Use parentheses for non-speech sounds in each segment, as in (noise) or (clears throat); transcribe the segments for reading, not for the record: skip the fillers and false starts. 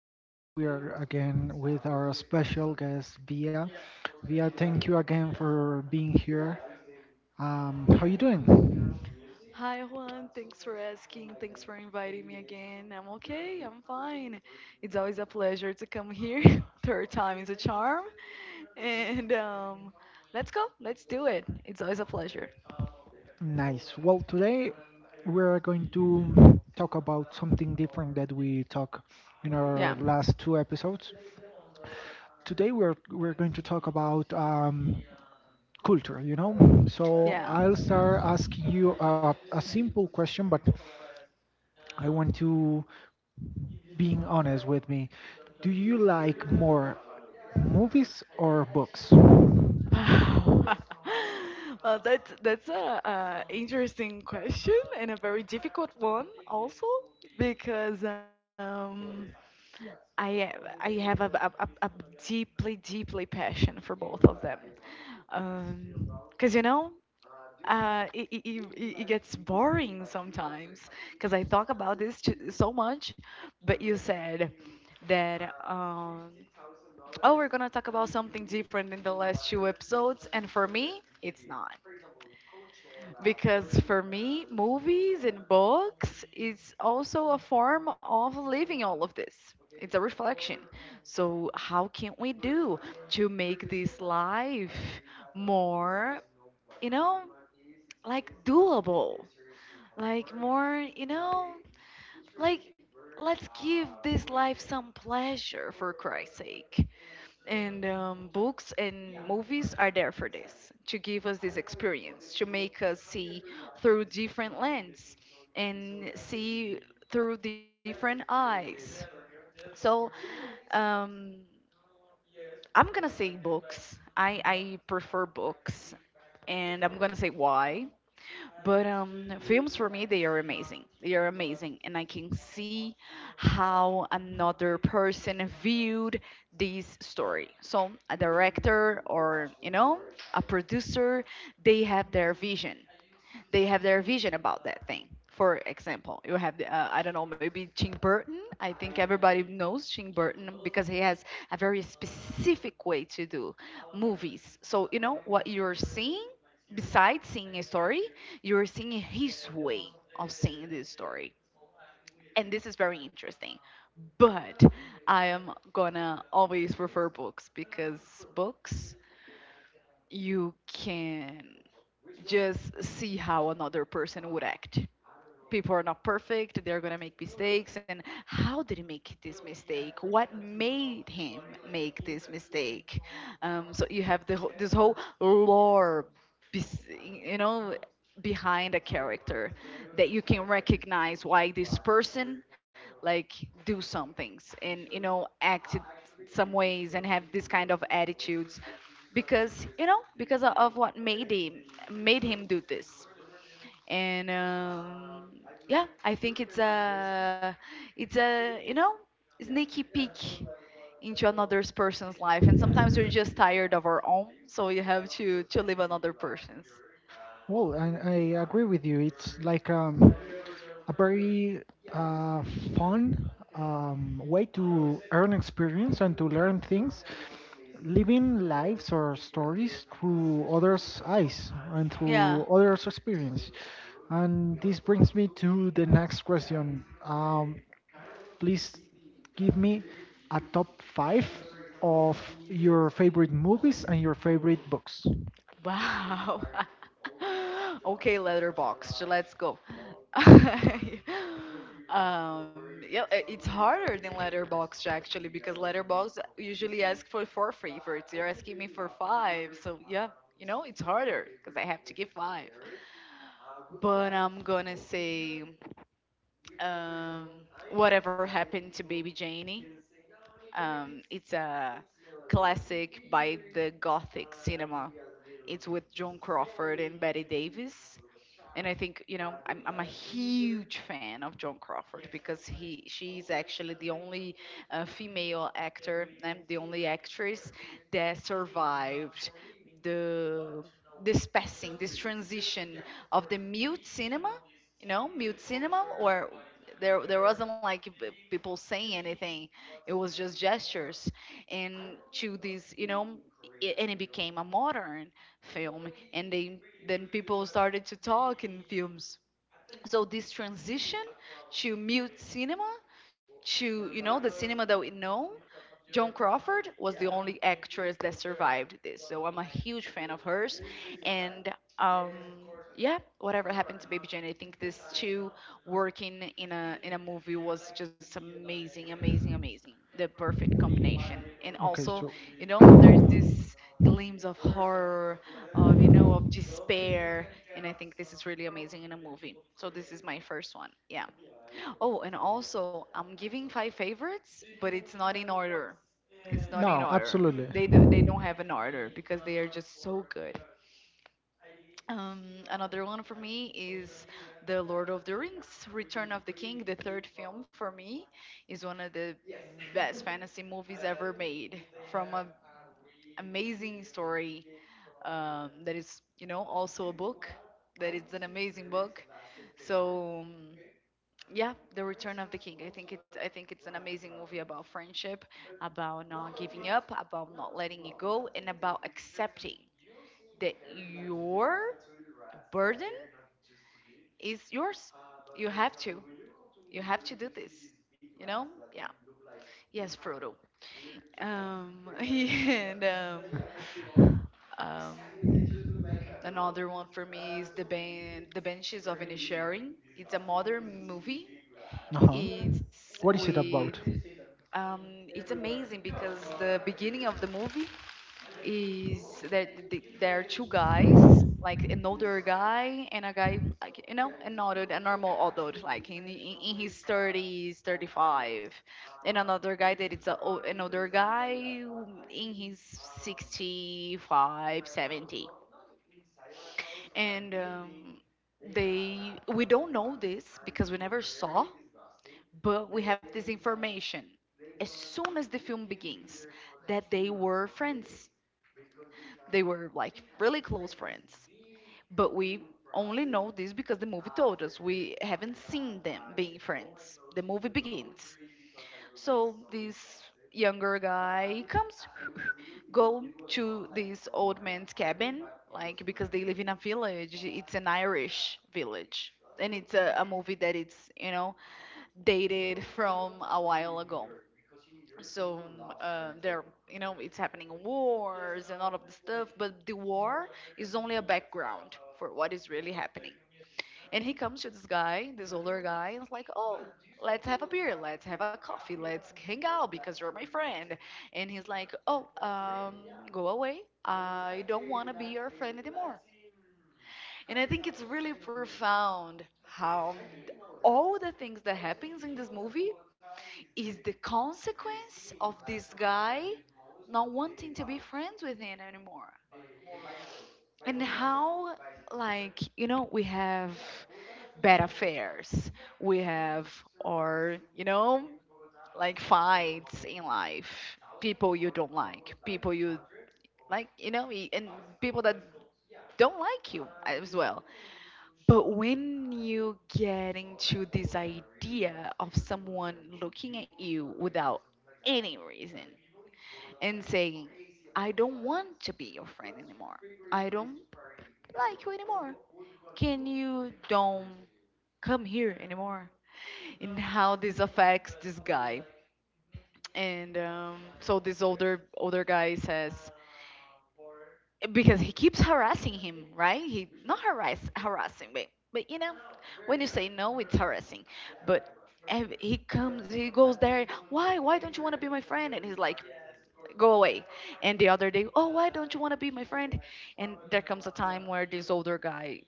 podcast. We are again with our special guest Via. Via, thank you again for being here. How you doing? Hi Juan, thanks for asking. Thanks for inviting me again. I'm okay, I'm fine. It's always a pleasure to come here. (laughs) Third time is a charm. And let's go, let's do it. It's always a pleasure. Nice. Well, today we're going to talk about something different that we talk in our Yeah. last two episodes. Today we're going to talk about culture. You know, so Yeah. I'll start asking you a simple question, but I want to, being honest with me. Do you like more movies or books? Wow. (laughs) Well, that's a, interesting question and a very difficult one also because I I have a deeply passion for both of them because it gets boring sometimes because I talk about this so much, but you said that. Oh, we're going to talk about something different in the last two episodes. And for me, it's not. Because for me, movies and books is also a form of living all of this. It's a reflection. So, how can we do to make this life more, you know, like doable? Like more, you know? Like, let's give this life some pleasure for Christ's sake. And books and movies are there for this, to give us this experience, to make us see through different lens and see through different eyes. So, um, I'm gonna say books. I prefer books, and I'm gonna say why. But films for me, they are amazing. They are amazing, and I can see how another person viewed this story. So a director or a producer, they have their vision they have their vision about that thing. For example, you have the, I don't know, maybe Tim Burton. I think everybody knows Tim Burton because he has a very specific way to do movies. So you know what you're seeing. Besides seeing a story, you're seeing his way of seeing this story, and this is very interesting. But I am gonna always prefer books, because books you can just see how another person would act. People are not perfect, they're going to make mistakes. And how did he make this mistake, what made him make this mistake? So you have this whole lore, bes- you know behind a character, that you can recognize why this person, like, do some things and act it some ways and have this kind of attitudes because, because of what made him do this. And yeah, I think it's a, it's a you know sneaky peek into another person's life, and sometimes we're just tired of our own, so you have to live another person's. Well, I agree with you. It's like a very uh, fun way to earn experience and to learn things, living lives or stories through others' eyes and Yeah. through others' experience. And this brings me to the next question. Please give me a top five of your favorite movies and your favorite books. Wow. (laughs) Okay, Letterboxd. Let's go. (laughs) um yeah, it's harder than Letterboxd actually, because Letterboxd usually ask for four favorites. You're asking me for five, so yeah, it's harder because I have to give five. But I'm gonna say, um Whatever Happened to Baby Janie. It's a classic by the gothic cinema. It's with Joan Crawford and Betty Davis. And I think, I'm a huge fan of Joan Crawford, because he she is actually the only female actor and the only actress that survived the this passing, this transition of the mute cinema, mute cinema, or there wasn't like people saying anything. It was just gestures, and to this, and it became a modern film and they then people started to talk in films. So this transition to mute cinema to the cinema that we know, Joan Crawford was the only actress that survived this, so I'm a huge fan of hers. And um yeah, Whatever Happened to Baby Jane. I think this two working in a movie was just amazing, amazing, amazing. The perfect combination. And Okay, also, so. There's this gleams of horror, of, of despair. And I think this is really amazing in a movie. So this is my first one. Yeah. Oh, and also I'm giving five favorites, but it's not in order. It's not in No, order. absolutely. They don't have an order, because they are just so good. Um, Another one for me is The Lord of the Rings: Return of the King. The third film for me is one of the best fantasy movies ever made. From a amazing story. There is, also a book that is an amazing book. So yeah, The Return of the King. I think it's an amazing movie about friendship, about not giving up, about not letting it go, and about accepting that your burden is yours. You have to. You have to do this. You know? Yeah. Yes, Frodo. (laughs) And Um, another one for me is the the Benches of Inisherin. It's a modern movie. Uh huh. It's What is it with about? it's amazing, because the beginning of the movie is that there are two guys, like an older guy and a guy, like, an adult, a normal adult, like in his 30s, 35, and another guy that it's another guy in his 65, 70. And they we don't know this because we never saw, but we have this information as soon as the film begins, that they were friends. They were, like, really close friends, but we only know this because the movie told us, we haven't seen them being friends. The movie begins, so this younger guy comes, (laughs) go to this old man's cabin, like, because they live in a village. It's an Irish village, and it's a movie that it's, dated from a while ago. So there, it's happening wars and all of the stuff, but the war is only a background for what is really happening. And he comes to this guy, this older guy, and it's like, oh, let's have a beer, let's have a coffee, let's hang out because you're my friend. And he's like, oh, go away. I don't want to be your friend anymore. And I think it's really profound how all the things that happens in this movie is the consequence of this guy not wanting to be friends with him anymore. And how, like, we have bad affairs, we have, or, like, fights in life, people you don't like, people you like, and people that don't like you as well. But when you get into this idea of someone looking at you without any reason and saying, I don't want to be your friend anymore, I don't like you anymore. Can you don't come here anymore? And how this affects this guy? And so this older guy says, because he keeps harassing him, right, he not harassing, but, you know, when you say no, it's harassing. But he comes, he goes there, why don't you want to be my friend? And he's like, go away. And the other day, oh, why don't you want to be my friend? And there comes a time where this older guy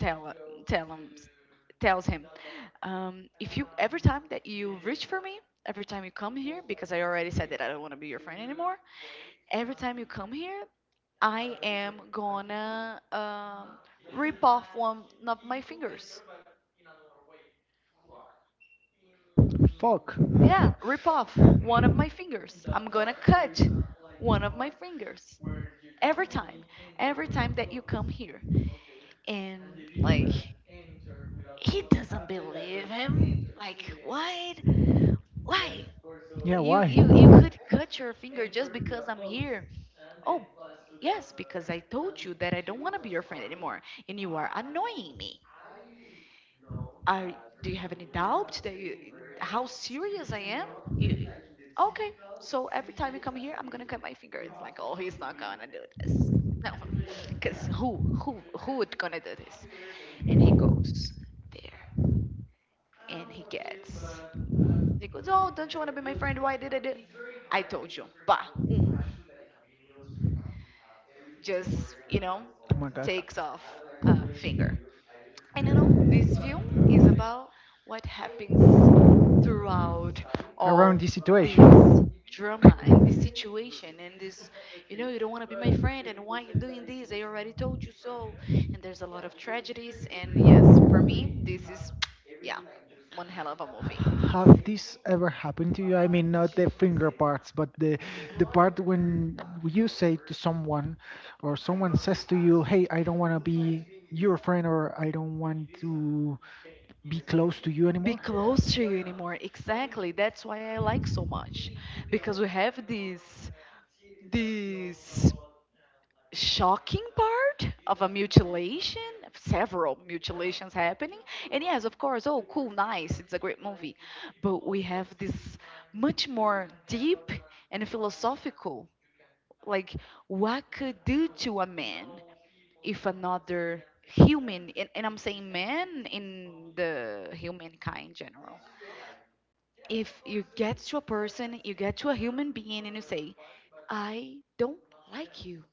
tell tell him tells him, if you, every time that you reach for me, every time you come here, because I already said that I don't want to be your friend anymore, every time you come here, I am gonna, rip off one of my fingers. Fuck. Yeah, rip off one of my fingers, I'm gonna cut one of my fingers every time, every time that you come here. And, like, he doesn't believe him, like, what, why. Yeah, You why? you you could cut your finger just because I'm Oh here. Oh, yes, because I told you that I don't want to be your friend anymore, and you are annoying me. Are do you have any doubt that you, how serious I am? You, okay, so every time you come here, I'm gonna cut my finger. It's like, oh, he's not gonna do this. No, (laughs) because who would gonna do this? And he goes there, and he gets. He goes, oh, don't you want to be my friend? Why did I do? I told you. Bah, um, just, my god. takes off a finger. And this film is about what happens throughout all Around this this situation. drama, and this situation, and this, you don't want to be my friend, and why you're doing this, I already told you so. And there's a lot of tragedies, and yes, for me this is, yeah, one hell of a movie. Have this ever happened to you? I mean, not the finger parts, but the part when you say to someone, or someone says to you, "Hey, I don't want to be your friend," or "I don't want to be close to you Be anymore." close to you anymore, exactly, that's why I like so much, because we have this, this. shocking part of a mutilation, of several mutilations happening. And yes, of course, oh, cool, nice, it's a great movie. But we have this much more deep and philosophical, like, what could do to a man if another human — and I'm saying man in the humankind in general — if you get to a person, you get to a human being, and you say, I don't like you.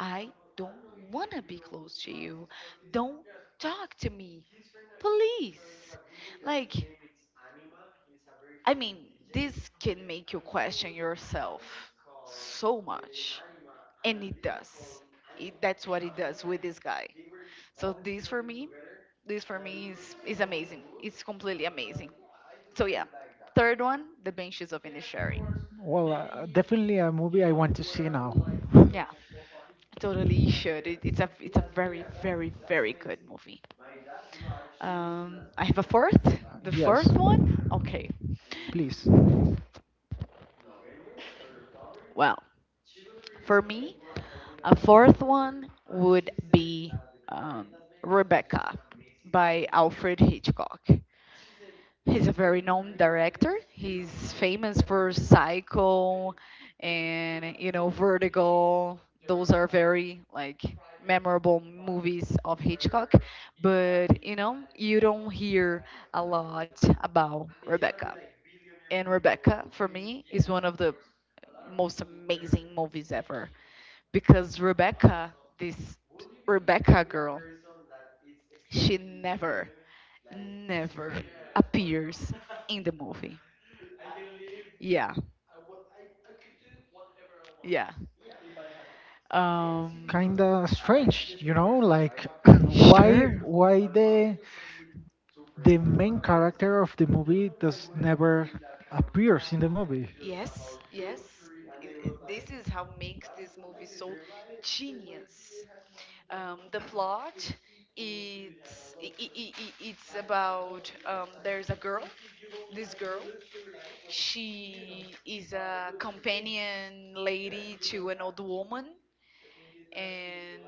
I don't want to be close to you. Don't talk to me, please. Like, I mean, this can make you question yourself so much. And it does. That's what it does with this guy. So, this for me is amazing. It's completely amazing. So, yeah. Third one, The Benches of Inisherin. Well, definitely a movie I want to see now. (laughs) Yeah, totally (laughs) should. It's a it's a very good movie. I have a fourth. The yes, fourth one? Okay. please. Well, for me, a fourth one would be um, Rebecca by Alfred Hitchcock. He's a very known director. He's famous for Psycho and, you know, Vertigo. Those are very like memorable movies of Hitchcock, but you know, you don't hear a lot about Rebecca. And Rebecca for me is one of the most amazing movies ever because Rebecca, this Rebecca girl, she never appears in the movie. Yeah, yeah. Um, Kinda strange, you know, like (clears throat) sure. why the main character of the movie does never appears in the movie. Yes, yes. This is how makes this movie so genius. The plot it's I- it's about there's a girl, this girl. She is a companion lady to an old woman, and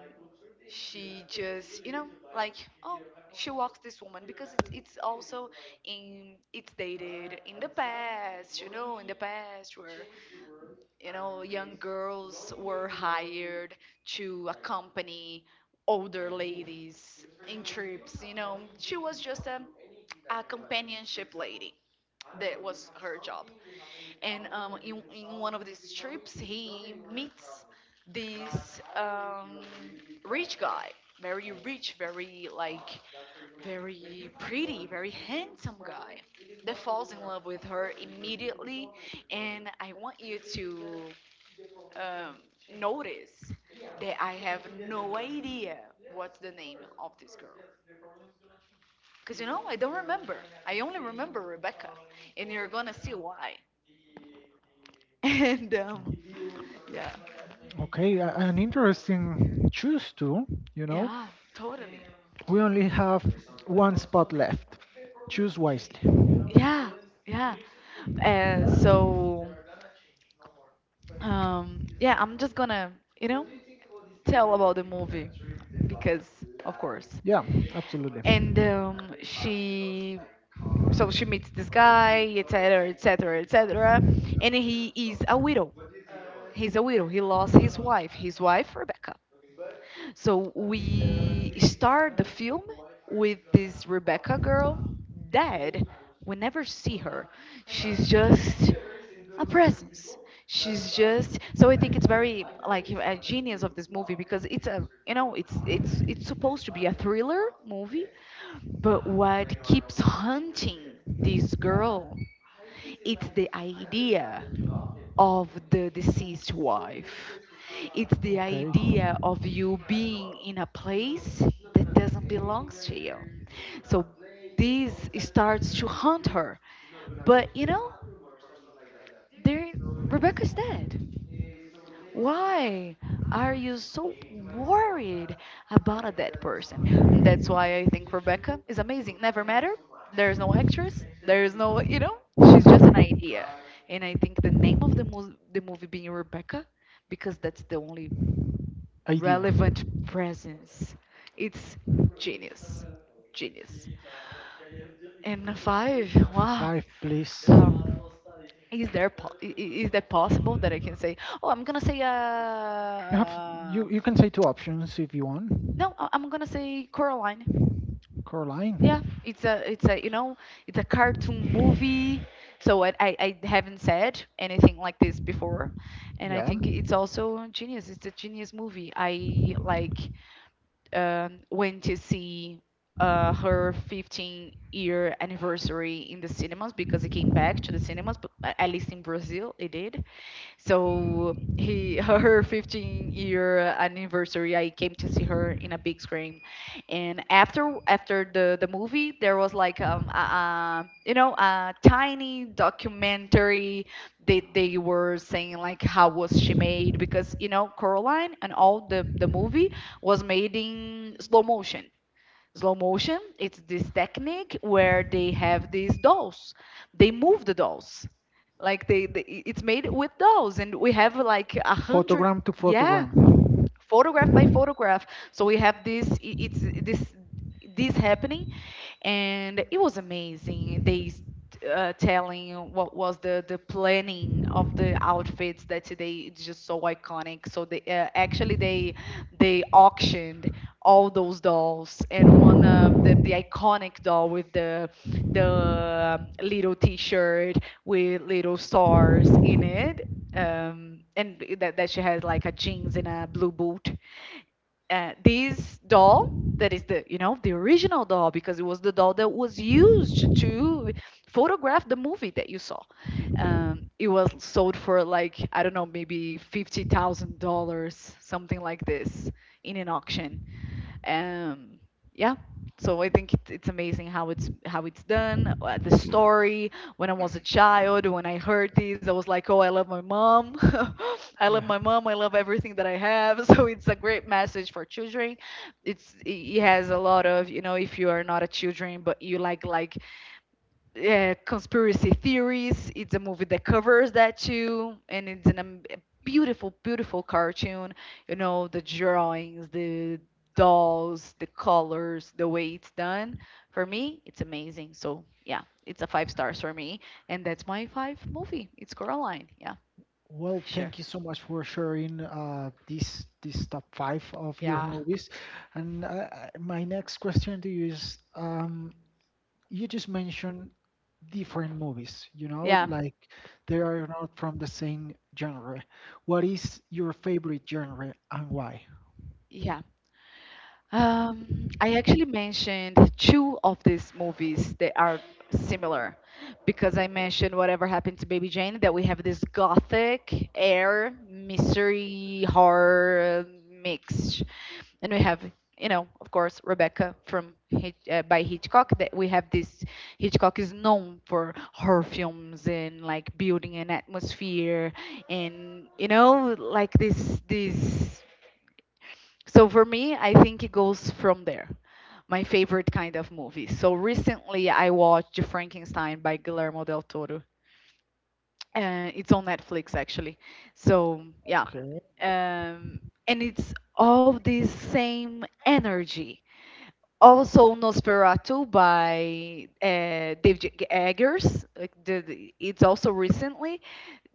she just, you know, like, oh, she walks this woman because it's also in it's dated in the past, you know, in the past where, you know, young girls were hired to accompany older ladies in trips. You know, she was just a companionship lady. That was her job. And in one of these trips, he meets this rich guy, very rich, very like, very pretty, very handsome guy that falls in love with her immediately. And I want you to um, notice that I have no idea what's the name of this girl. Because you know, I don't remember. I only remember Rebecca. And you're gonna see why. (laughs) And yeah, Okay, an interesting choose to, you know. yeah, totally. We only have one spot left. Choose wisely. Yeah, yeah. So, yeah, I'm just gonna, you know, tell about the movie because, of course. Yeah, absolutely. And she, so she meets this guy, etc., etc., etc. And he is a widow. He's a widow. He lost his wife Rebecca. So we start the film with this Rebecca girl dead. We never see her. She's just a presence. She's just so I think it's very like a genius of this movie because it's a, you know, it's supposed to be a thriller movie, but what keeps hunting this girl? It's the idea of the deceased wife. It's the Okay. idea of you being in a place that doesn't belong to you. So this starts to haunt her. But you know, there Rebecca's dead. Why are you so worried about a dead person? That's why I think Rebecca is amazing. Never met her. There's no actress. There's no, you know, she's just an idea. And I think the name of the movie being Rebecca, because that's the only Idea. relevant presence. It's genius. Genius. And five, wow. Five, please. Um, is there po- I- is that possible that I can say, oh, I'm gonna say You have you can say two options if you want. no, I'm gonna say Coraline. Caroline. Yeah, it's a it's a, you know, it's a cartoon movie. So I haven't said anything like this before, and I Yeah. think it's also genius. It's a genius movie. I like, went to see her 15-year anniversary in the cinemas because it came back to the cinemas, but at least in Brazil it did. So he (laughs) her 15-year anniversary, I came to see her in a big screen, and after the movie, there was like you know, a tiny documentary. They were saying like how was she made, because you know Coraline and all the movie was made in slow motion. Slow motion, it's this technique where they have these dolls, they move the dolls, like they, it's made with dolls, and we have like a hundred, Photogram to yeah, photogram. photograph by photograph. So we have this, it's this, this happening, and it was amazing. Telling what was the planning of the outfits that today it's just so iconic. So they, actually they auctioned all those dolls, and one of the iconic doll with the little T-shirt with little stars in it, that she has like a jeans and a blue boot. This doll that is the, you know, the original doll because it was the doll that was used to photograph the movie that you saw. It was sold for like, I don't know, maybe $50,000, something like this, in an auction. um yeah, so I think it's amazing how it's done, the story. When I was a child, when I heard this, I was like, oh, I love my mom. (laughs) I love Yeah. my mom, I love everything that I have. (laughs) So it's a great message for children. It it has a lot of, you know, if you are not a children, but you like conspiracy theories. It's a movie that covers that too, and it's a beautiful, beautiful cartoon. You know, the drawings, the dolls, the colors, the way it's done. For me, it's amazing. So yeah, it's a five stars for me, and that's my five movie. It's Coraline. Yeah, Well, sure. thank you so much for sharing this this top five of your movies. And my next question to you is, you just mentioned different movies, you know, yeah, Yeah, like they are not from the same genre. What is your favorite genre and why? yeah, I actually mentioned two of these movies that are similar because I mentioned Whatever Happened to Baby Jane, that we have this gothic air, mystery, horror mixed. And we have, you know, of course, Rebecca from by Hitchcock, that we have this. Hitchcock is known for horror films and like building an atmosphere and, you know, like this so for me, I think it goes from there. My favorite kind of movie. So recently, I watched Frankenstein by Guillermo del Toro. It's on Netflix actually. So yeah, Okay. um, and it's all this same energy, also Nosferatu by Dave Eggers. Like it's also recently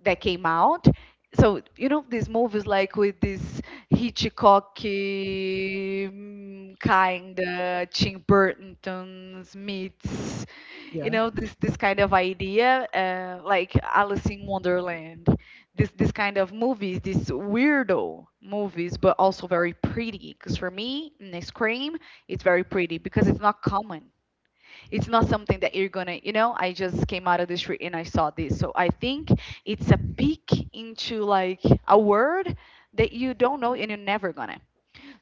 that came out. So you know these movies like with this Hitchcock, kind of Tim Burton's meets, you Yeah. know, this kind of idea, like Alice in Wonderland. This kind of movies, these weirdo movies, but also very pretty. Because for me, in Scream, it's very pretty because it's not common. It's not something that you're gonna, you know, I just came out of the street and I saw this. So I think it's a peek into like a word that you don't know and you're never gonna.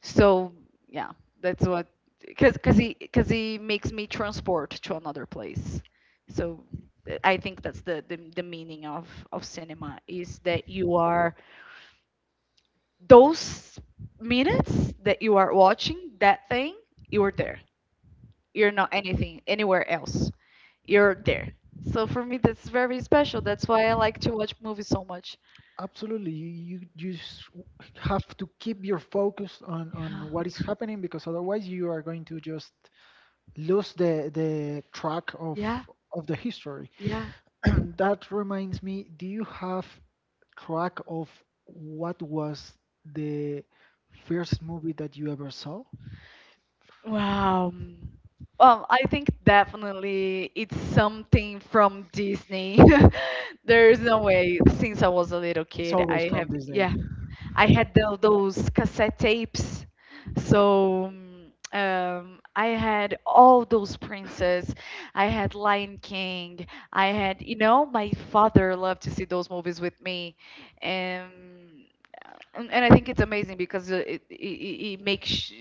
So yeah, that's what, because he makes me transport to another place. So I think that's the meaning of cinema, is that you are those minutes that you are watching that thing, you are there. You're not anything anywhere else. You're there. So for me, that's very special. That's why I like to watch movies so much. Absolutely, you just have to keep your focus on what (gasps) is happening because otherwise you are going to just lose the track Yeah, of the history. yeah. (clears throat) That reminds me, do you have track of what was the first movie that you ever saw? Wow. Well, I think definitely it's something from Disney. (laughs) There's no way. Since I was a little It's kid, always I from have, yeah. Disney. I had those cassette tapes. So I had all those princes. I had Lion King. I had, you know, my father loved to see those movies with me. Um, and I think it's amazing because it makes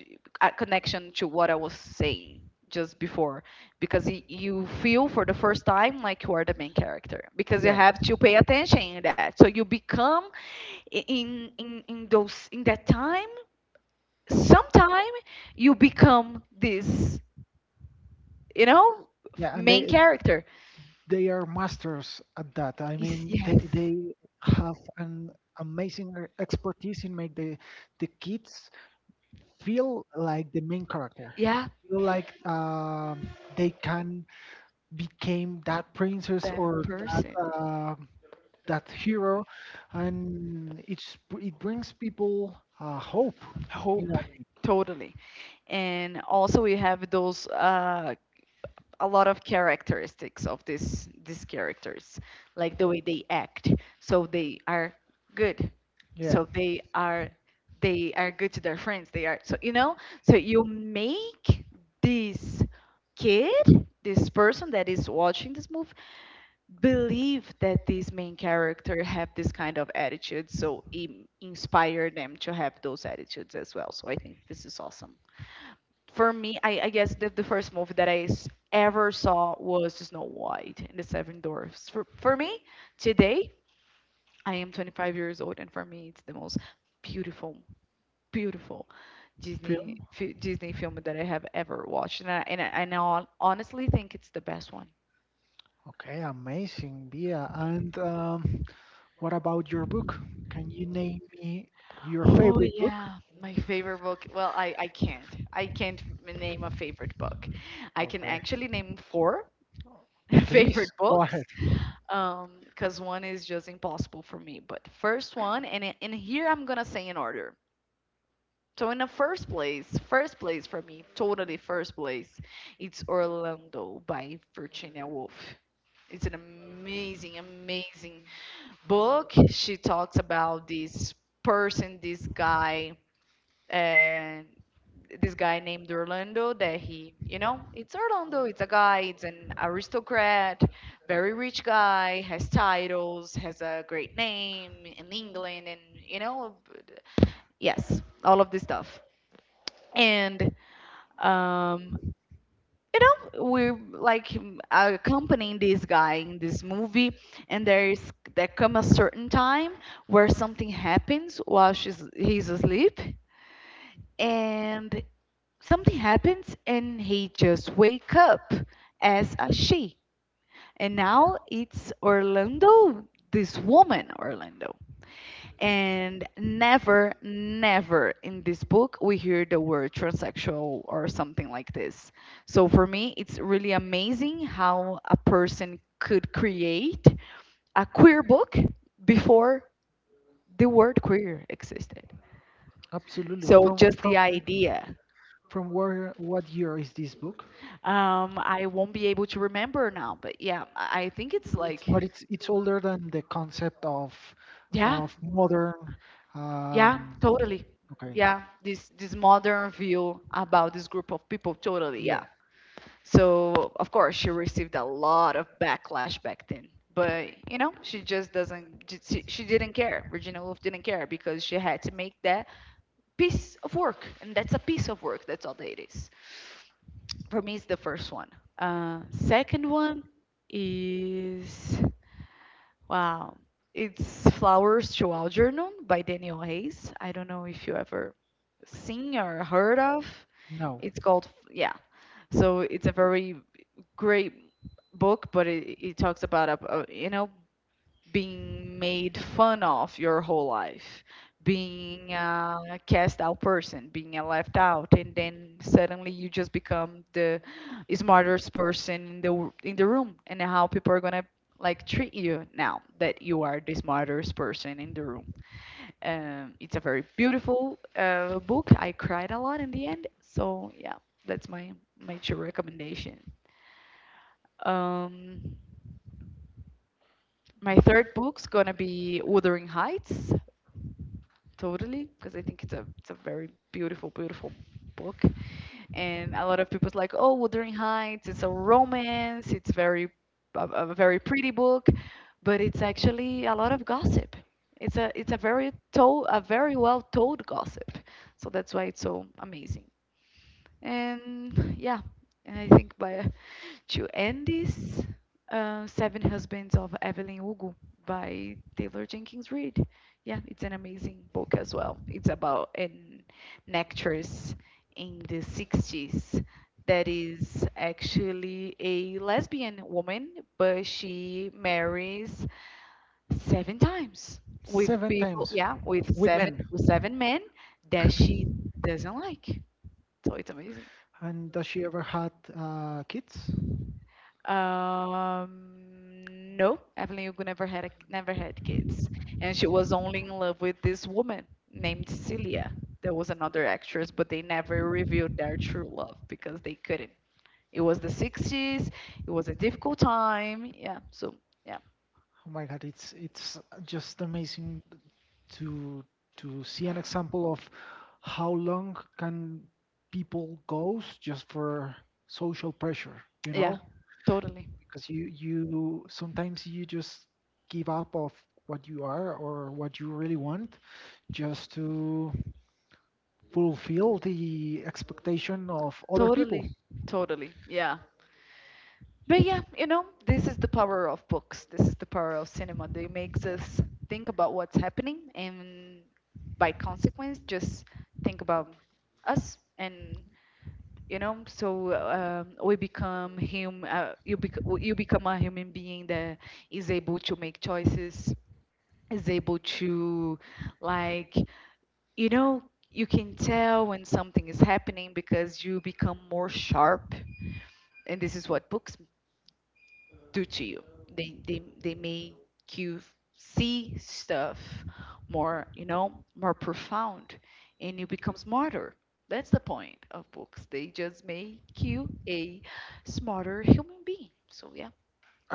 a connection to what I was saying just before, because you feel for the first time like you are the main character because you Yeah, have to pay attention in that, so you become, in those, in that time, sometime you become this, you know, yeah, and main character. they are masters at that. I Is- mean, yes, they have an amazing expertise in make the kids feel like the main character, yeah, feel like they can become that princess the or that person, that hero, and it's it brings people hope. You hope, know, totally. And also we have those, a lot of characteristics of this these characters, like the way they act. So they are good. yeah, So they are they are good to their friends. They are so, you know. So you make this kid, this person that is watching this movie, believe that this main character have this kind of attitude. So inspire them to have those attitudes as well. So I think this is awesome. For me, I guess the first movie that I ever saw was Snow White and the Seven Dwarfs. For me, today, I am 25 years old, and for me, it's the most beautiful, beautiful film. Disney film that I have ever watched. And I honestly think it's the best one. Okay, amazing, Bia. And what about your book? Can you name me your Oh, favorite book? yeah, my favorite book. Well, I can't. I can't name a favorite book. I can Okay, actually name four (laughs) please favorite go books. ahead. Because one is just impossible for me. But the first one, and here I'm gonna say in order. So in the first place, for me, totally first place, it's Orlando by Virginia Woolf. It's an amazing book. She talks about this person this guy and this guy named Orlando, that he, you know, it's Orlando, it's a guy, it's an aristocrat, very rich guy, has titles, has a great name in England, and, you know, yes, all of this stuff. And, um, you know, we're like accompanying this guy in this movie, and there's there come a certain time where something happens while she's he's asleep, and something happens and he just wake up as a she. And now it's Orlando, this woman Orlando. And never in this book we hear the word transsexual or something like this. So for me, it's really amazing how a person could create a queer book before the word queer existed. Absolutely. So just the idea. From where? What year is this book? I won't be able to remember now, but yeah, I think it's It's like, but it's older than the concept yeah, of modern. Um, yeah, totally. okay. Yeah, this modern view about this group of people, totally, Yeah. yeah. So, of course, she received a lot of backlash back then, but you know, she just doesn't, j- she, didn't care. Virginia Woolf didn't care because she had to make that piece of work, and that's a piece of work, that's all that it is. For me, it's the first one. Second one is, wow, it's Flowers to Algernon by Daniel Hayes. I don't know if you ever seen or heard of. No. It's called, yeah. So it's a very great book, but it talks about a, you know, being made fun of your whole life, being a cast out person, being a left out, and then suddenly you just become the smartest person in the room, and how people are gonna like treat you now that you are the smartest person in the room. It's a very beautiful book. I cried a lot in the end, so yeah, that's my true recommendation. Um, my y- third book's gonna be Wuthering Heights, totally, because I think it's a very beautiful, beautiful book. And a lot of people's like, oh, Wuthering Heights, it's a romance, it's very a very pretty book, but it's actually a lot of gossip. It's a very told a very well told gossip. So that's why it's so amazing. And (laughs) yeah, and I think by (laughs) to end this, Seven Husbands of Evelyn Hugo by Taylor Jenkins Reid. Yeah, it's an amazing book as well. It's about an actress in the 60s that is actually a lesbian woman, but she marries seven times with Seven people, times yeah, with with men. Seven men that she doesn't like. So it's amazing. And does she ever had kids? No, Evelyn Hugo never never had kids, and she was only in love with this woman named Celia. There was another actress, but they never revealed their true love because they couldn't. It was the 60s. It was a difficult time. Yeah. So yeah, Oh my God, it's just amazing to to see an example of how long can people goes just for social pressure, you yeah, know? totally, Because you sometimes you just give up of what you are or what you really want just to fulfill the expectation of other totally, people. totally. Yeah. But yeah, you know, this is the power of books. This is the power of cinema. They makes us think about what's happening, and by consequence just think about us. And you know, so we become him you you become a human being that is able to make choices, is able to, like, you know, you can tell when something is happening because you become more sharp, and this is what books do to you. They make you see stuff more, you know, more profound, and you become smarter. That's the point of books. They just make you a smarter human being. So yeah.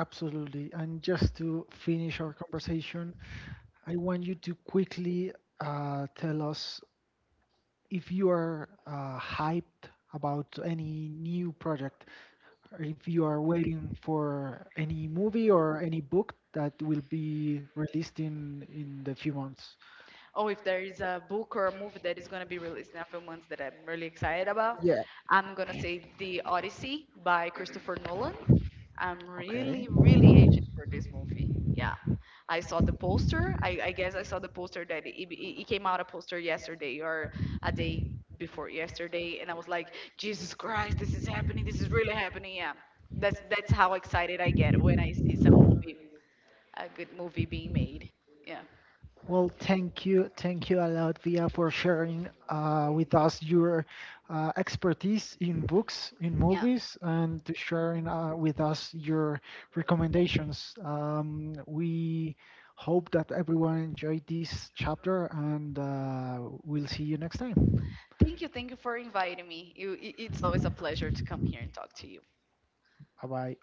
Absolutely. And just to finish our conversation, I want you to quickly tell us if you are hyped about any new project, or if you are waiting for any movie or any book that will be released in the few months. Oh, if there is a book or a movie that is gonna be released in a few months that I'm really excited about, Yeah. I'm gonna say The Odyssey by Christopher Nolan. I'm Okay. really, really anxious for this movie. Yeah. I saw the poster. I guess I saw the poster that it came out a poster yesterday or a day before yesterday, and I was like, Jesus Christ, this is happening. This is really happening. Yeah. That's how excited I get when I see some movie, a good movie being made. Yeah. Well, thank you a lot, Via, for sharing with us your expertise in books, in Yeah. movies, and to sharing with us your recommendations. We hope that everyone enjoyed this chapter, and we'll see you next time. Thank you for inviting me. You, it's always a pleasure to come here and talk to you. Bye bye.